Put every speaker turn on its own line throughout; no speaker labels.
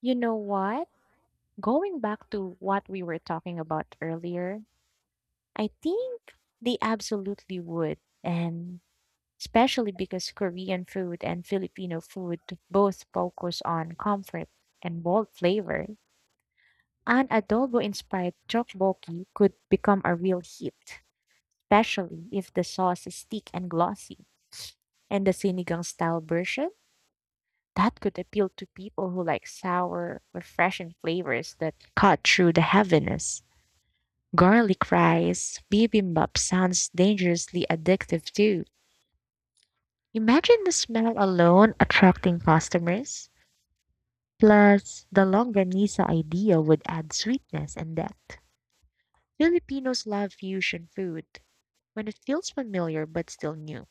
You know what? Going back to what we were talking about earlier, I think they absolutely would. And especially because Korean food and Filipino food both focus on comfort and bold flavor. An adobo inspired tteokbokki could become a real hit, especially if the sauce is thick and glossy. And the sinigang style version, that could appeal to people who like sour, refreshing flavors that cut through the heaviness. Garlic rice, bibimbap sounds dangerously addictive too. Imagine the smell alone attracting customers. Plus, the longanisa idea would add sweetness and depth. Filipinos love fusion food when it feels familiar but still new.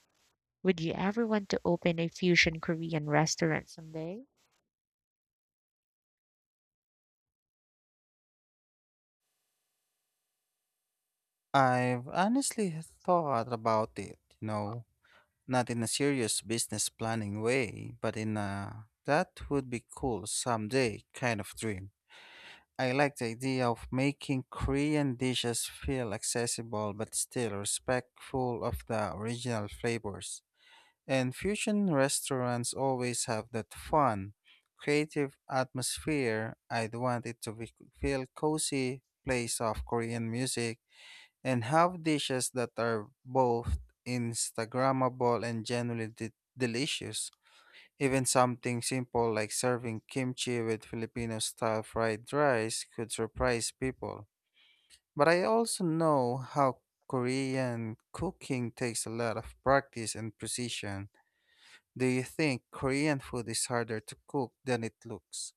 Would you ever want to open a fusion Korean restaurant someday?
I've honestly thought about it, you know, not in a serious business planning way, but in a that would be cool someday kind of dream. I like the idea of making Korean dishes feel accessible but still respectful of the original flavors. And fusion restaurants always have that fun, creative atmosphere. I'd want it to be, feel cozy, play soft Korean music, and have dishes that are both Instagrammable and genuinely delicious. Even something simple like serving kimchi with Filipino style fried rice could surprise people. But I also know how Korean cooking takes a lot of practice and precision. Do you think Korean food is harder to cook than it looks?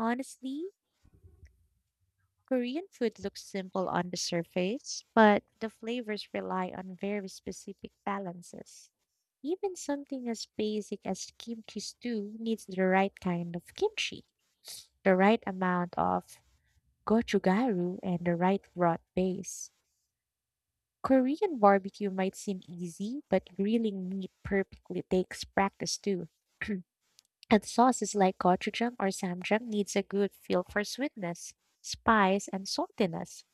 Honestly, Korean food looks simple on the surface, but the flavors rely on very specific balances. Even something as basic as kimchi stew needs the right kind of kimchi, the right amount of gochugaru, and the right broth base. Korean barbecue might seem easy, but grilling meat perfectly takes practice too. And sauces like gochujang or samjang needs a good feel for sweetness, spice, and saltiness.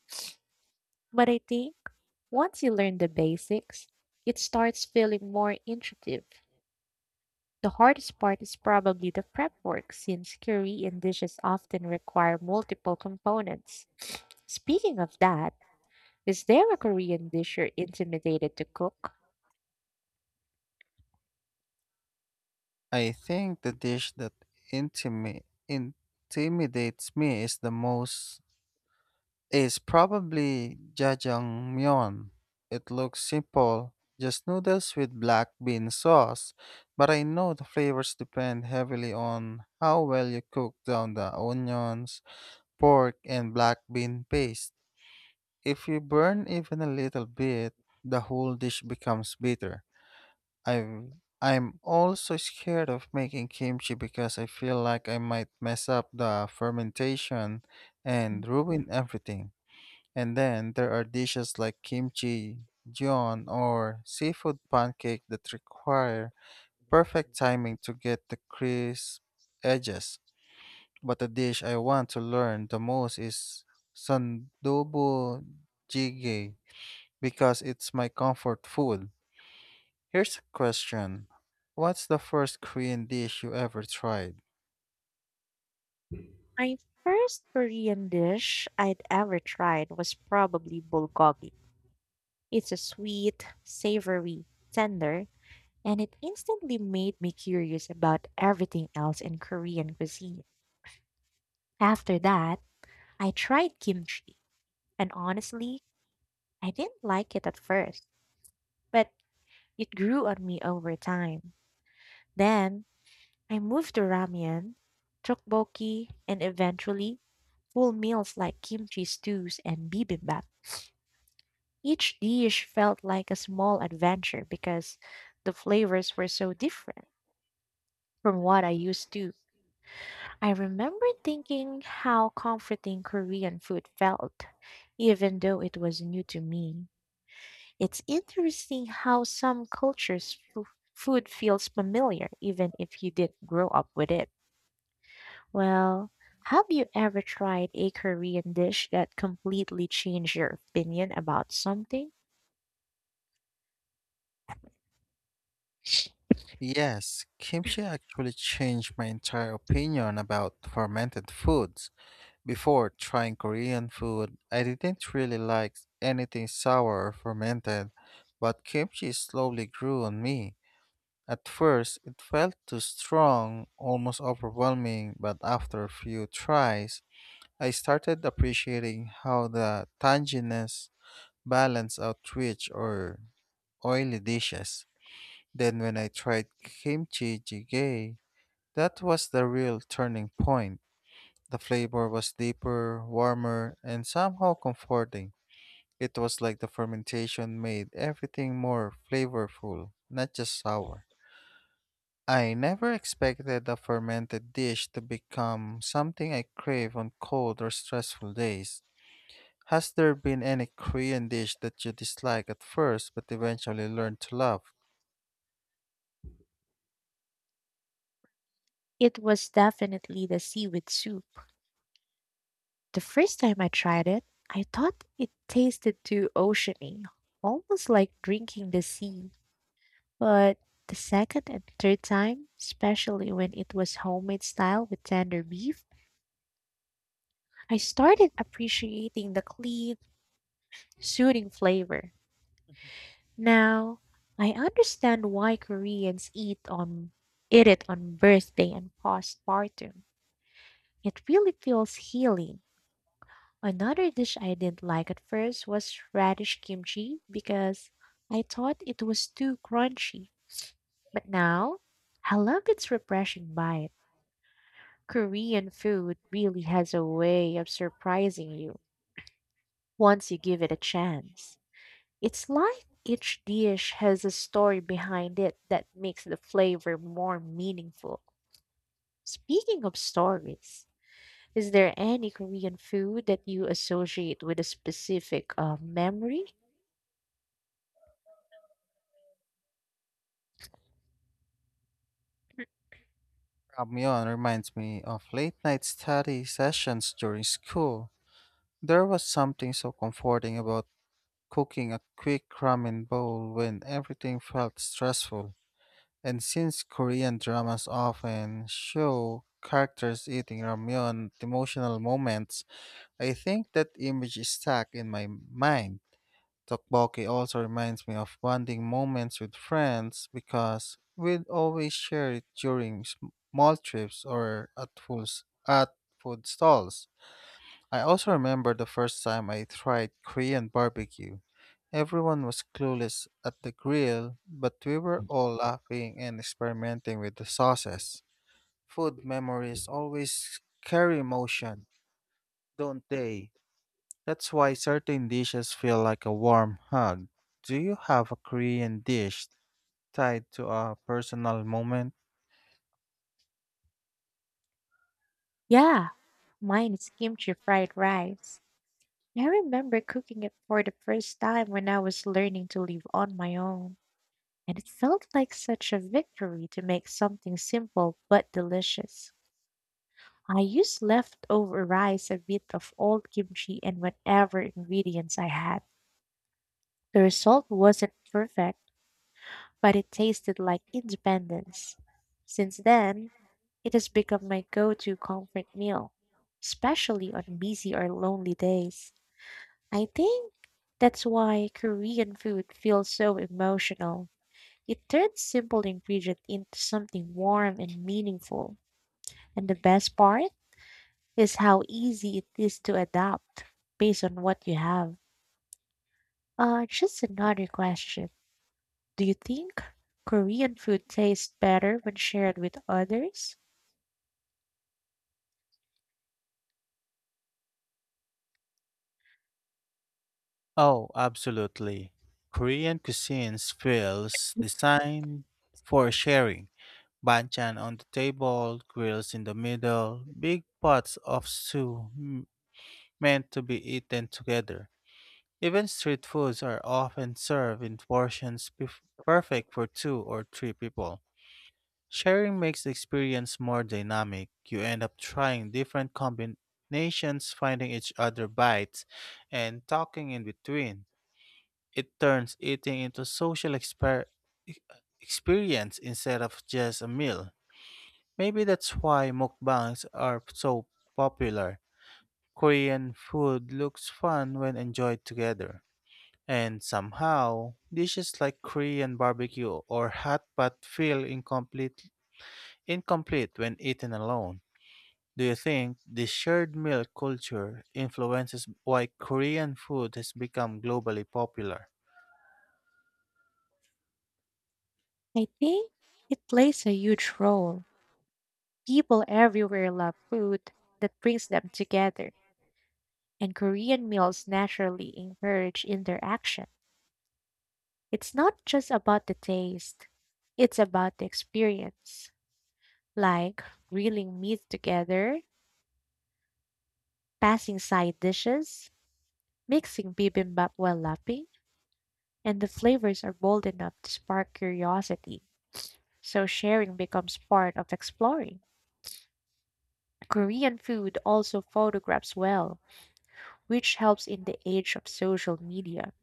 But I think once you learn the basics, it starts feeling more intuitive. The hardest part is probably the prep work since Korean dishes often require multiple components. Speaking of that, is there a Korean dish you're intimidated to cook?
I think the dish that intimi- intimidates me is the most is probably jajangmyeon. It looks simple, just noodles with black bean sauce, but I know the flavors depend heavily on how well you cook down the onions, pork, and black bean paste. If you burn even a little bit, the whole dish becomes bitter. I'm also scared of making kimchi because I feel like I might mess up the fermentation and ruin everything. And then there are dishes like kimchi gion or seafood pancake that require perfect timing to get the crisp edges. But the dish I want to learn the most is sandubu jjigae because it's my comfort food. Here's a question. What's the first Korean dish you ever tried?
My first Korean dish I'd ever tried was probably bulgogi. It's a sweet, savory, tender, and it instantly made me curious about everything else in Korean cuisine. After that, I tried kimchi, and honestly, I didn't like it at first, but it grew on me over time. Then I moved to ramen, tteokbokki, and eventually full meals like kimchi stews and bibimbap. Each dish felt like a small adventure because the flavors were so different from what I used to. I remember thinking how comforting Korean food felt, even though it was new to me. It's interesting how some cultures food feels familiar even if you didn't grow up with it. Well, have you ever tried a Korean dish that completely changed your opinion about something?
Yes, kimchi actually changed my entire opinion about fermented foods. Before trying Korean food, I didn't really like anything sour or fermented, but kimchi slowly grew on me. At first, it felt too strong, almost overwhelming, but after a few tries, I started appreciating how the tanginess balance out rich or oily dishes. Then when I tried kimchi jjigae, that was the real turning point. The flavor was deeper, warmer, and somehow comforting. It was like the fermentation made everything more flavorful, not just sour. I never expected a fermented dish to become something I crave on cold or stressful days. Has there been any Korean dish that you dislike at first but eventually learned to love?
It was definitely the seaweed soup. The first time I tried it, I thought it tasted too oceany, almost like drinking the sea. But the second and third time, especially when it was homemade style with tender beef, I started appreciating the clean, soothing flavor. Now, I understand why Koreans eat on eat it on birthday and postpartum. It really feels healing. Another dish I didn't like at first was radish kimchi because I thought it was too crunchy. But now, I love its refreshing bite. Korean food really has a way of surprising you once you give it a chance. It's like each dish has a story behind it that makes the flavor more meaningful. Speaking of stories, is there any Korean food that you associate with a specific memory?
Ramyeon reminds me of late night study sessions during school. There was something so comforting about cooking a quick ramen bowl when everything felt stressful. And since Korean dramas often show characters eating ramyeon at emotional moments, I think that image is stuck in my mind. Tteokbokki also reminds me of bonding moments with friends because we'd always share it during small trips or at food stalls. I also remember the first time I tried Korean barbecue. Everyone was clueless at the grill, but we were all laughing and experimenting with the sauces. Food memories always carry emotion, don't they? That's why certain dishes feel like a warm hug. Do you have a Korean dish tied to a personal moment?
Yeah, mine is kimchi fried rice. I remember cooking it for the first time when I was learning to live on my own, and it felt like such a victory to make something simple but delicious. I use leftover rice, a bit of old kimchi, and whatever ingredients I had. The result wasn't perfect, but it tasted like independence. Since then, it has become my go to comfort meal, especially on busy or lonely days. I think that's why Korean food feels so emotional. It turns simple ingredient into something warm and meaningful. And the best part? Is how easy it is to adapt based on what you have. Just another question. Do you think Korean food tastes better when shared with others?
Oh, absolutely. Korean cuisines feels designed for sharing. Banchan on the table, grills in the middle, big pots of stew meant to be eaten together. Even street foods are often served in portions perfect for two or three people. Sharing makes the experience more dynamic. You end up trying different combinations, finding each other bites, and talking in between. It turns eating into social e- experience instead of just a meal. Maybe that's why mukbangs are so popular. Korean food looks fun when enjoyed together. And somehow, dishes like Korean barbecue or hot pot feel incomplete when eaten alone. Do you think the shared meal culture influences why Korean food has become globally popular?
I think it plays a huge role. People everywhere love food that brings them together, and Korean meals naturally encourage interaction. It's not just about the taste, it's about the experience, like grilling meat together, passing side dishes, mixing bibimbap while lapping, and the flavors are bold enough to spark curiosity, so sharing becomes part of exploring. Korean food also photographs well, which helps in the age of social media.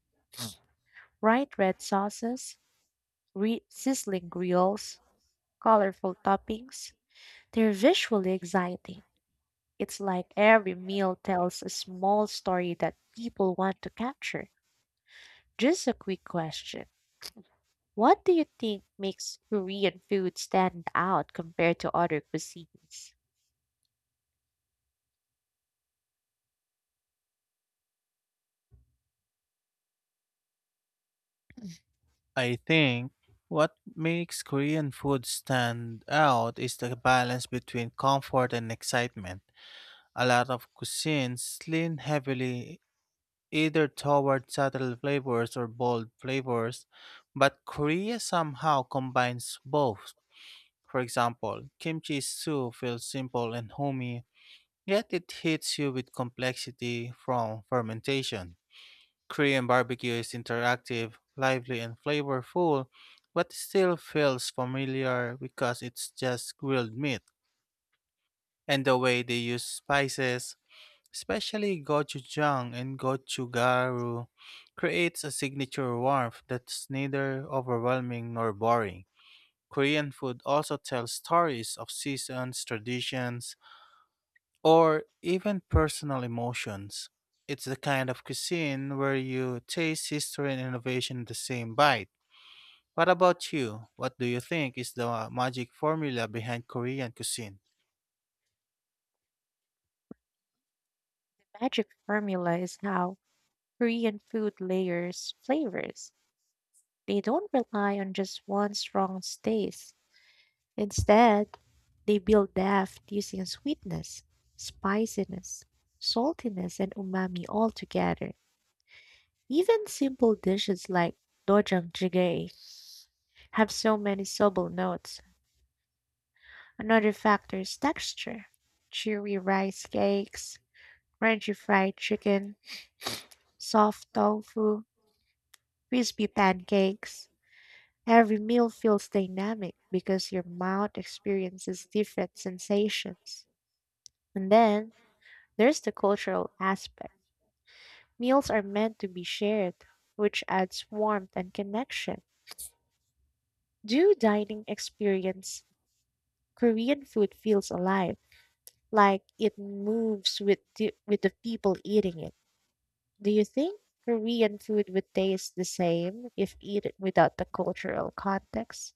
Bright red sauces, sizzling grills, colorful toppings, they're visually exciting. It's like every meal tells a small story that people want to capture. Just a quick question. What do you think makes Korean food stand out compared to other cuisines?
I think what makes Korean food stand out is the balance between comfort and excitement. A lot of cuisines lean heavily either toward subtle flavors or bold flavors, but Korea somehow combines both. For example, kimchi soup feels simple and homey, yet it hits you with complexity from fermentation. Korean barbecue is interactive, lively, and flavorful, but still feels familiar because it's just grilled meat. And the way they use spices, especially gochujang and gochugaru, creates a signature warmth that's neither overwhelming nor boring. Korean food also tells stories of seasons, traditions, or even personal emotions. It's the kind of cuisine where you taste history and innovation in the same bite. What about you? What do you think is the magic formula behind Korean cuisine?
The magic formula is how Korean food layers flavors. They don't rely on just one strong taste. Instead, they build depth using sweetness, spiciness, saltiness, and umami all together. Even simple dishes like dochang jjigae have so many subtle notes. Another factor is texture. Chewy rice cakes, crunchy fried chicken, soft tofu, crispy pancakes. Every meal feels dynamic because your mouth experiences different sensations. And then there's the cultural aspect. Meals are meant to be shared, which adds warmth and connection. Do dining experience Korean food feels alive, like it moves with the people eating it. Do you think Korean food would taste the same if eaten without the cultural context?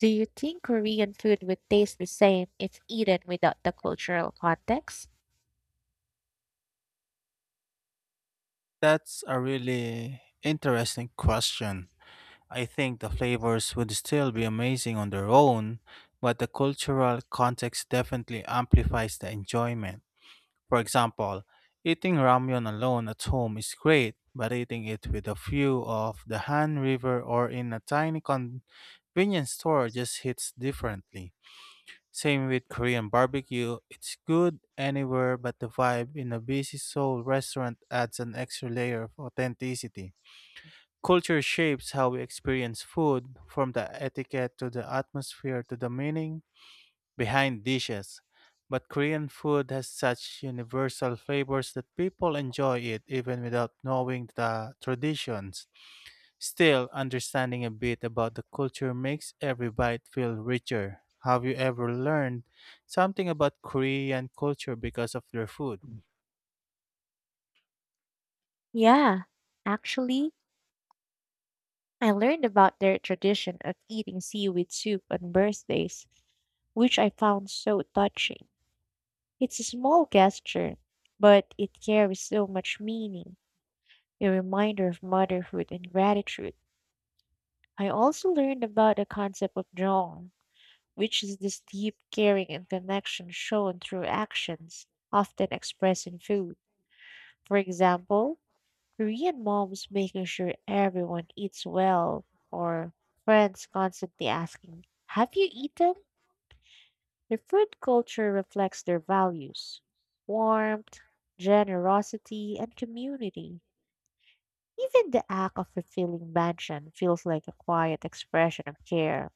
Do you think Korean food would taste the same if eaten without the cultural context?
That's a really interesting question. I think the flavors would still be amazing on their own, but the cultural context definitely amplifies the enjoyment. For example, eating ramyun alone at home is great, but eating it with a view of the Han River or in a tiny convenience store just hits differently. Same with Korean barbecue, it's good anywhere, but the vibe in a busy Seoul restaurant adds an extra layer of authenticity. Culture shapes how we experience food, from the etiquette to the atmosphere to the meaning behind dishes. But Korean food has such universal flavors that people enjoy it even without knowing the traditions. Still, understanding a bit about the culture makes every bite feel richer. Have you ever learned something about Korean culture because of their food?
Yeah, actually, I learned about their tradition of eating seaweed soup on birthdays, which I found so touching. It's a small gesture, but it carries so much meaning, a reminder of motherhood and gratitude. I also learned about the concept of jong, which is this deep caring and connection shown through actions, often expressed in food. For example, Korean moms making sure everyone eats well, or friends constantly asking, "Have you eaten?" The food culture reflects their values warmth, generosity, and community. Even the act of fulfilling mansion feels like a quiet expression of care.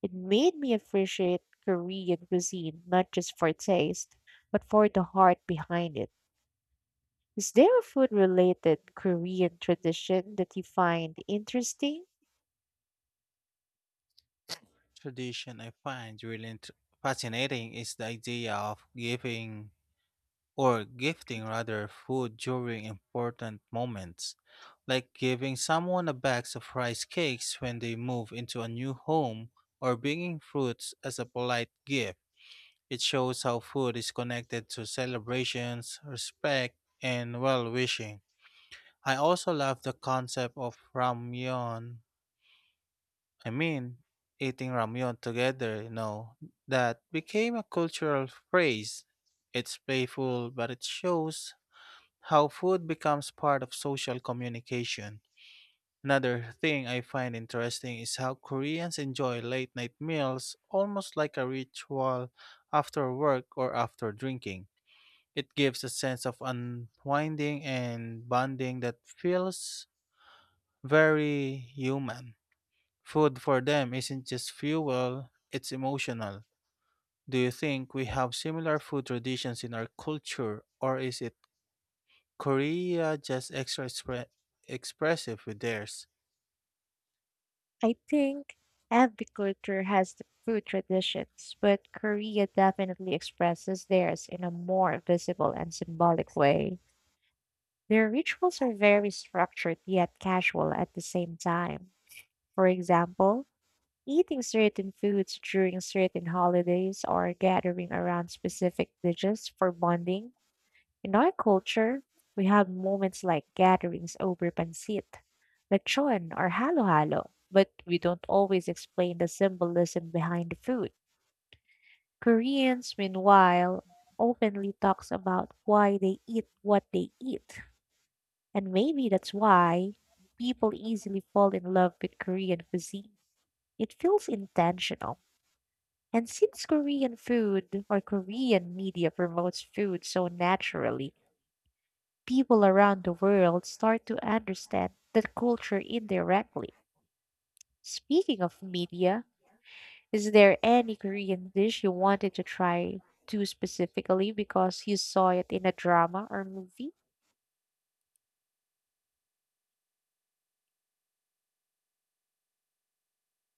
It made me appreciate Korean cuisine not just for taste, but for the heart behind it. Is there a food related Korean tradition that you find interesting?
Tradition I find really fascinating is the idea of giving or gifting rather food during important moments, like giving someone a bag of rice cakes when they move into a new home or bringing fruits as a polite gift. It shows how food is connected to celebrations, respect, and well wishing. I also love the concept of ramyeon. I mean, eating ramyeon together, you know, that became a cultural phrase. It's playful, but it shows how food becomes part of social communication. Another thing I find interesting is how Koreans enjoy late night meals almost like a ritual after work or after drinking. It gives a sense of unwinding and bonding that feels very human. Food for them isn't just fuel, it's emotional. Do you think we have similar food traditions in our culture, or is it Korea just extra expressive with theirs?
I think every culture has the food traditions, but Korea definitely expresses theirs in a more visible and symbolic way. Their rituals are very structured yet casual at the same time. For example, eating certain foods during certain holidays or gathering around specific dishes for bonding. In our culture, we have moments like gatherings over pancit, lechon, or halo-halo, but we don't always explain the symbolism behind the food. Koreans, meanwhile, openly talks about why they eat what they eat, and maybe that's why people easily fall in love with Korean cuisine. It feels intentional. And since Korean food or Korean media promotes food so naturally, people around the world start to understand the culture indirectly. Speaking of media, is there any Korean dish you wanted to try too specifically because you saw it in a drama or movie?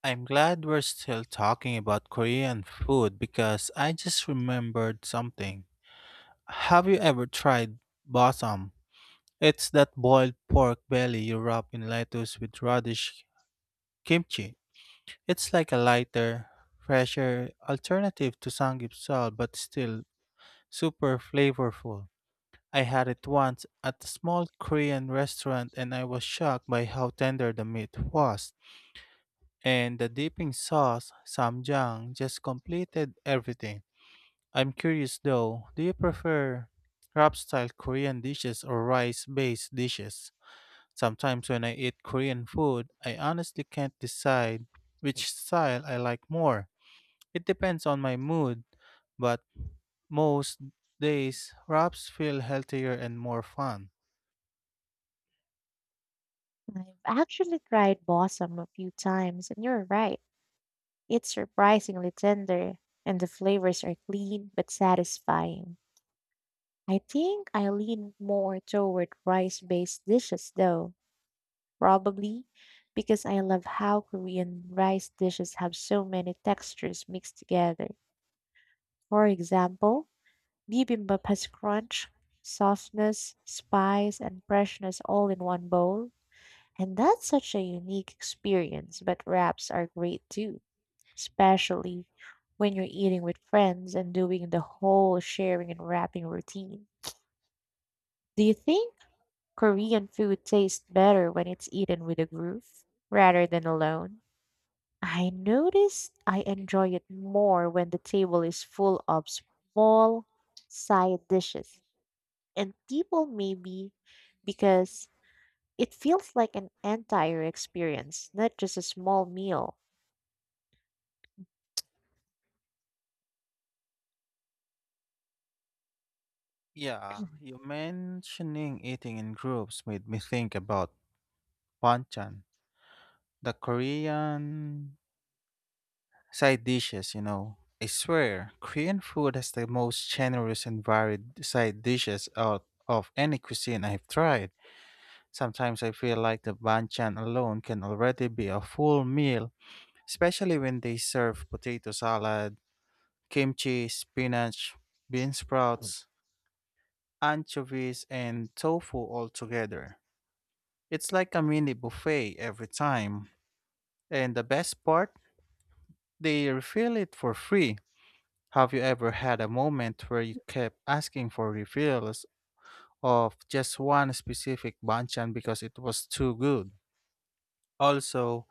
I'm glad we're still talking about Korean food because I just remembered something. Have you ever tried bossam? It's that boiled pork belly you wrap in lettuce with radish kimchi. It's like a lighter, fresher alternative to samgyeopsal but still super flavorful. I had it once at a small Korean restaurant and I was shocked by how tender the meat was. And the dipping sauce, samjang, just completed everything. I'm curious though, do you prefer wrap style Korean dishes or rice based dishes? Sometimes when I eat Korean food, I honestly can't decide which style I like more. It depends on my mood, but most days wraps feel healthier and more fun.
I've actually tried balsam a few times, and you're right. It's surprisingly tender, and the flavors are clean but satisfying. I think I lean more toward rice based dishes though, probably because I love how Korean rice dishes have so many textures mixed together. For example, bibimbap has crunch, softness, spice, and freshness all in one bowl. And that's such a unique experience, but wraps are great too, especially when you're eating with friends and doing the whole sharing and wrapping routine. Do you think Korean food tastes better when it's eaten with a group rather than alone? I notice I enjoy it more when the table is full of small side dishes and people maybe because it feels like an entire experience, not just a small meal.
Yeah, you mentioning eating in groups made me think about banchan. The Korean side dishes, you know. I swear, Korean food has the most generous and varied side dishes out of any cuisine I've tried. Sometimes I feel like the banchan alone can already be a full meal, especially when they serve potato salad, kimchi, spinach, bean sprouts, anchovies, and tofu all together. It's like a mini buffet every time. And the best part, they refill it for free. Have you ever had a moment where you kept asking for refills of just one specific banchan because it was too good? Also,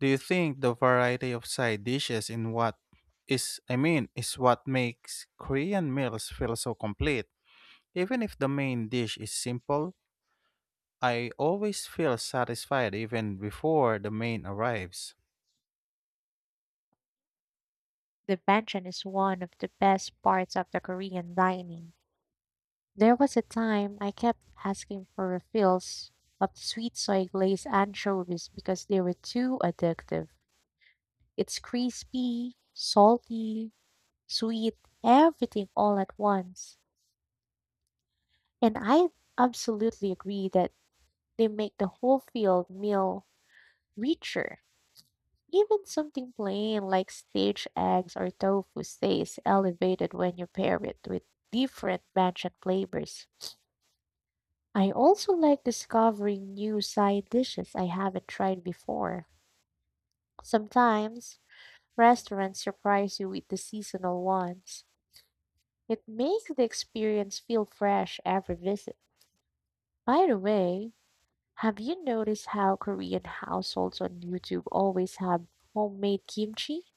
do you think the variety of side dishes in what is I mean is what makes Korean meals feel so complete? Even if the main dish is simple, I always feel satisfied even before the main arrives.
The banchan is one of the best parts of the Korean dining. There was a time I kept asking for refills of sweet soy glazed anchovies because they were too addictive. It's crispy, salty, sweet, everything all at once. And I absolutely agree that they make the whole field meal richer. Even something plain like stage eggs or tofu stays elevated when you pair it with different mansion flavors. I also like discovering new side dishes I haven't tried before. Sometimes, restaurants surprise you with the seasonal ones. It makes the experience feel fresh every visit. By the way, have you noticed how Korean households on YouTube always have homemade kimchi?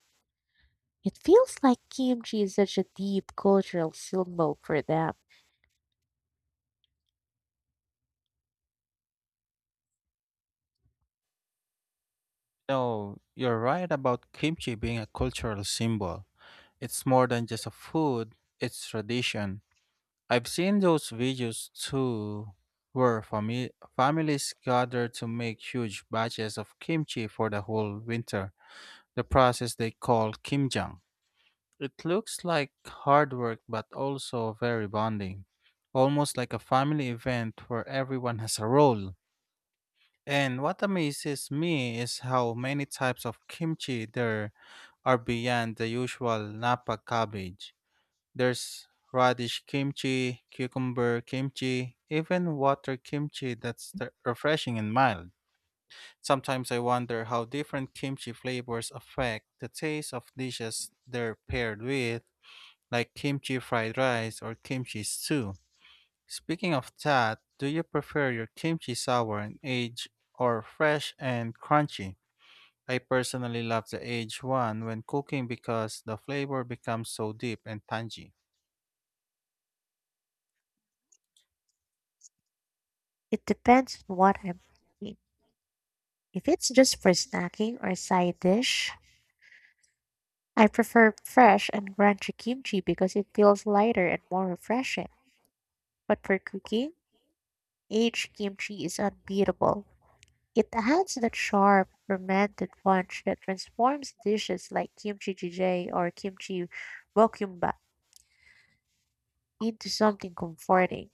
It feels like kimchi is such a deep cultural symbol for them.
No, you're right about kimchi being a cultural symbol. It's more than just a food, it's tradition. I've seen those videos too where families gather to make huge batches of kimchi for the whole winter, the process they call kimjang. It looks like hard work but also very bonding, almost like a family event where everyone has a role. And what amazes me is how many types of kimchi there are beyond the usual Napa cabbage. There's radish kimchi, cucumber kimchi, even water kimchi that's refreshing and mild. Sometimes I wonder how different kimchi flavors affect the taste of dishes they're paired with, like kimchi fried rice or kimchi stew. Speaking of that, do you prefer your kimchi sour and aged or fresh and crunchy? I personally love the aged one when cooking because the flavor becomes so deep and tangy.
It depends on what I'm eating. If it's just for snacking or side dish, I prefer fresh and crunchy kimchi because it feels lighter and more refreshing. But for cooking, aged kimchi is unbeatable. It adds that sharp, fermented punch that transforms dishes like kimchi jjigae or kimchi bokkeumbap into something comforting.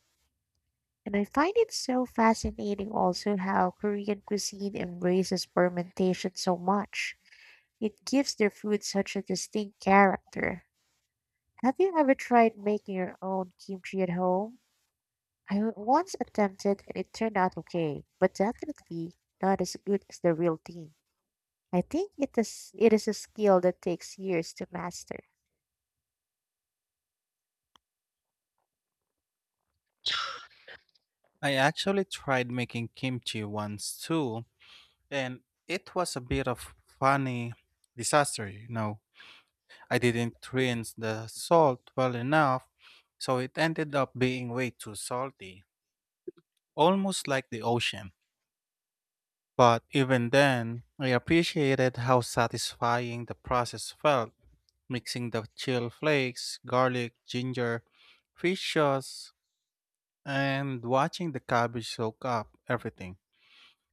And I find it so fascinating also how Korean cuisine embraces fermentation so much. It gives their food such a distinct character. Have you ever tried making your own kimchi at home? I once attempted and it turned out okay, but definitely not as good as the real thing. I think it is a skill that takes years to master.
I actually tried making kimchi once too, and it was a bit of funny disaster, you know. I didn't rinse the salt well enough, so it ended up being way too salty, almost like the ocean. But even then, I appreciated how satisfying the process felt, mixing the chill flakes, garlic, ginger, fish sauce, and watching the cabbage soak up everything.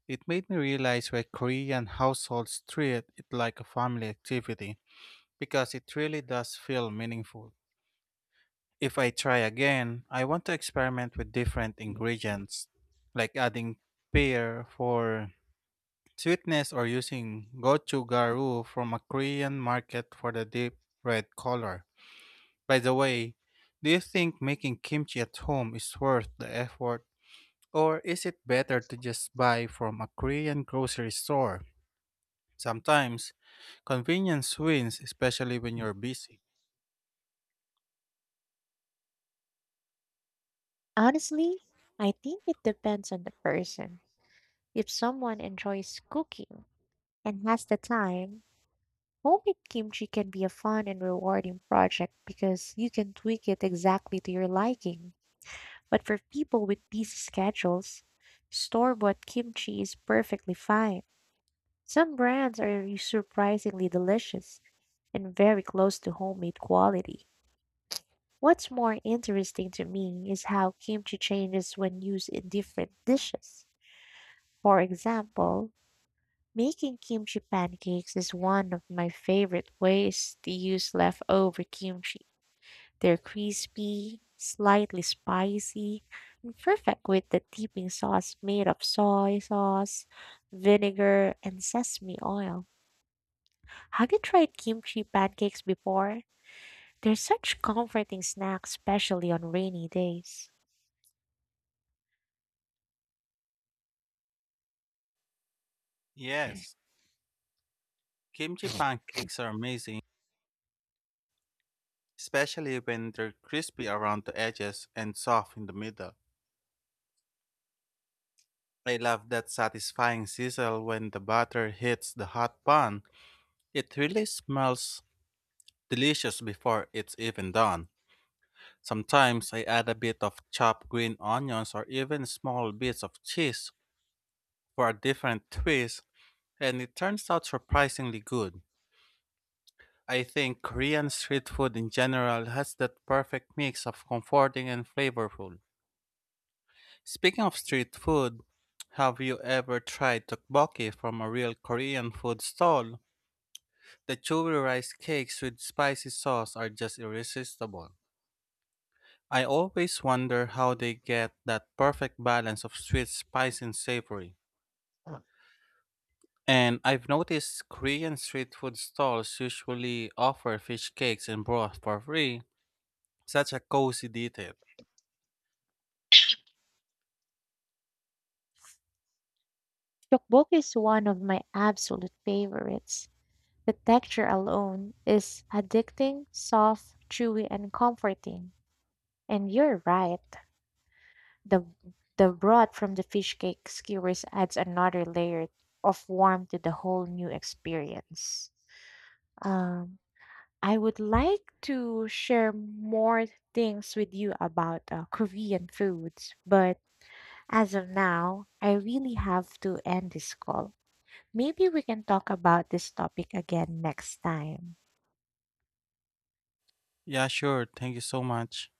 It made me realize why Korean households treat it like a family activity, because it really does feel meaningful. If I try again, I want to experiment with different ingredients, like adding pear for sweetness or using gochugaru from a Korean market for the deep red color. By the way, do you think making kimchi at home is worth the effort, or is it better to just buy from a Korean grocery store? Sometimes, convenience wins, especially when you're busy.
Honestly, I think it depends on the person. If someone enjoys cooking and has the time, homemade kimchi can be a fun and rewarding project because you can tweak it exactly to your liking. But for people with busy schedules, store-bought kimchi is perfectly fine. Some brands are surprisingly delicious and very close to homemade quality. What's more interesting to me is how kimchi changes when used in different dishes. For example, making kimchi pancakes is one of my favorite ways to use leftover kimchi. They're crispy, slightly spicy, and perfect with the dipping sauce made of soy sauce, vinegar, and sesame oil. Have you tried kimchi pancakes before? They're such comforting snacks, especially on rainy days.
Yes, kimchi pancakes are amazing, especially when they're crispy around the edges and soft in the middle. I love that satisfying sizzle when the butter hits the hot pan. It really smells delicious before it's even done. Sometimes I add a bit of chopped green onions or even small bits of cheese for a different twist, and it turns out surprisingly good. I think Korean street food in general has that perfect mix of comforting and flavorful. Speaking of street food, have you ever tried tteokbokki from a real Korean food stall? The chewy rice cakes with spicy sauce are just irresistible. I always wonder how they get that perfect balance of sweet, spicy, and savory. And I've noticed Korean street food stalls usually offer fish cakes and broth for free. Such a cozy detail.
Tteokbokki is one of my absolute favorites. The texture alone is addicting, soft, chewy, and comforting. And you're right. The, the broth from the fish cake skewers adds another layer of warmth to the whole new experience. Um, I would like to share more things with you about Korean foods, but as of now, I really have to end this call. Maybe we can talk about this topic again next time.
Yeah, sure. Thank you so much.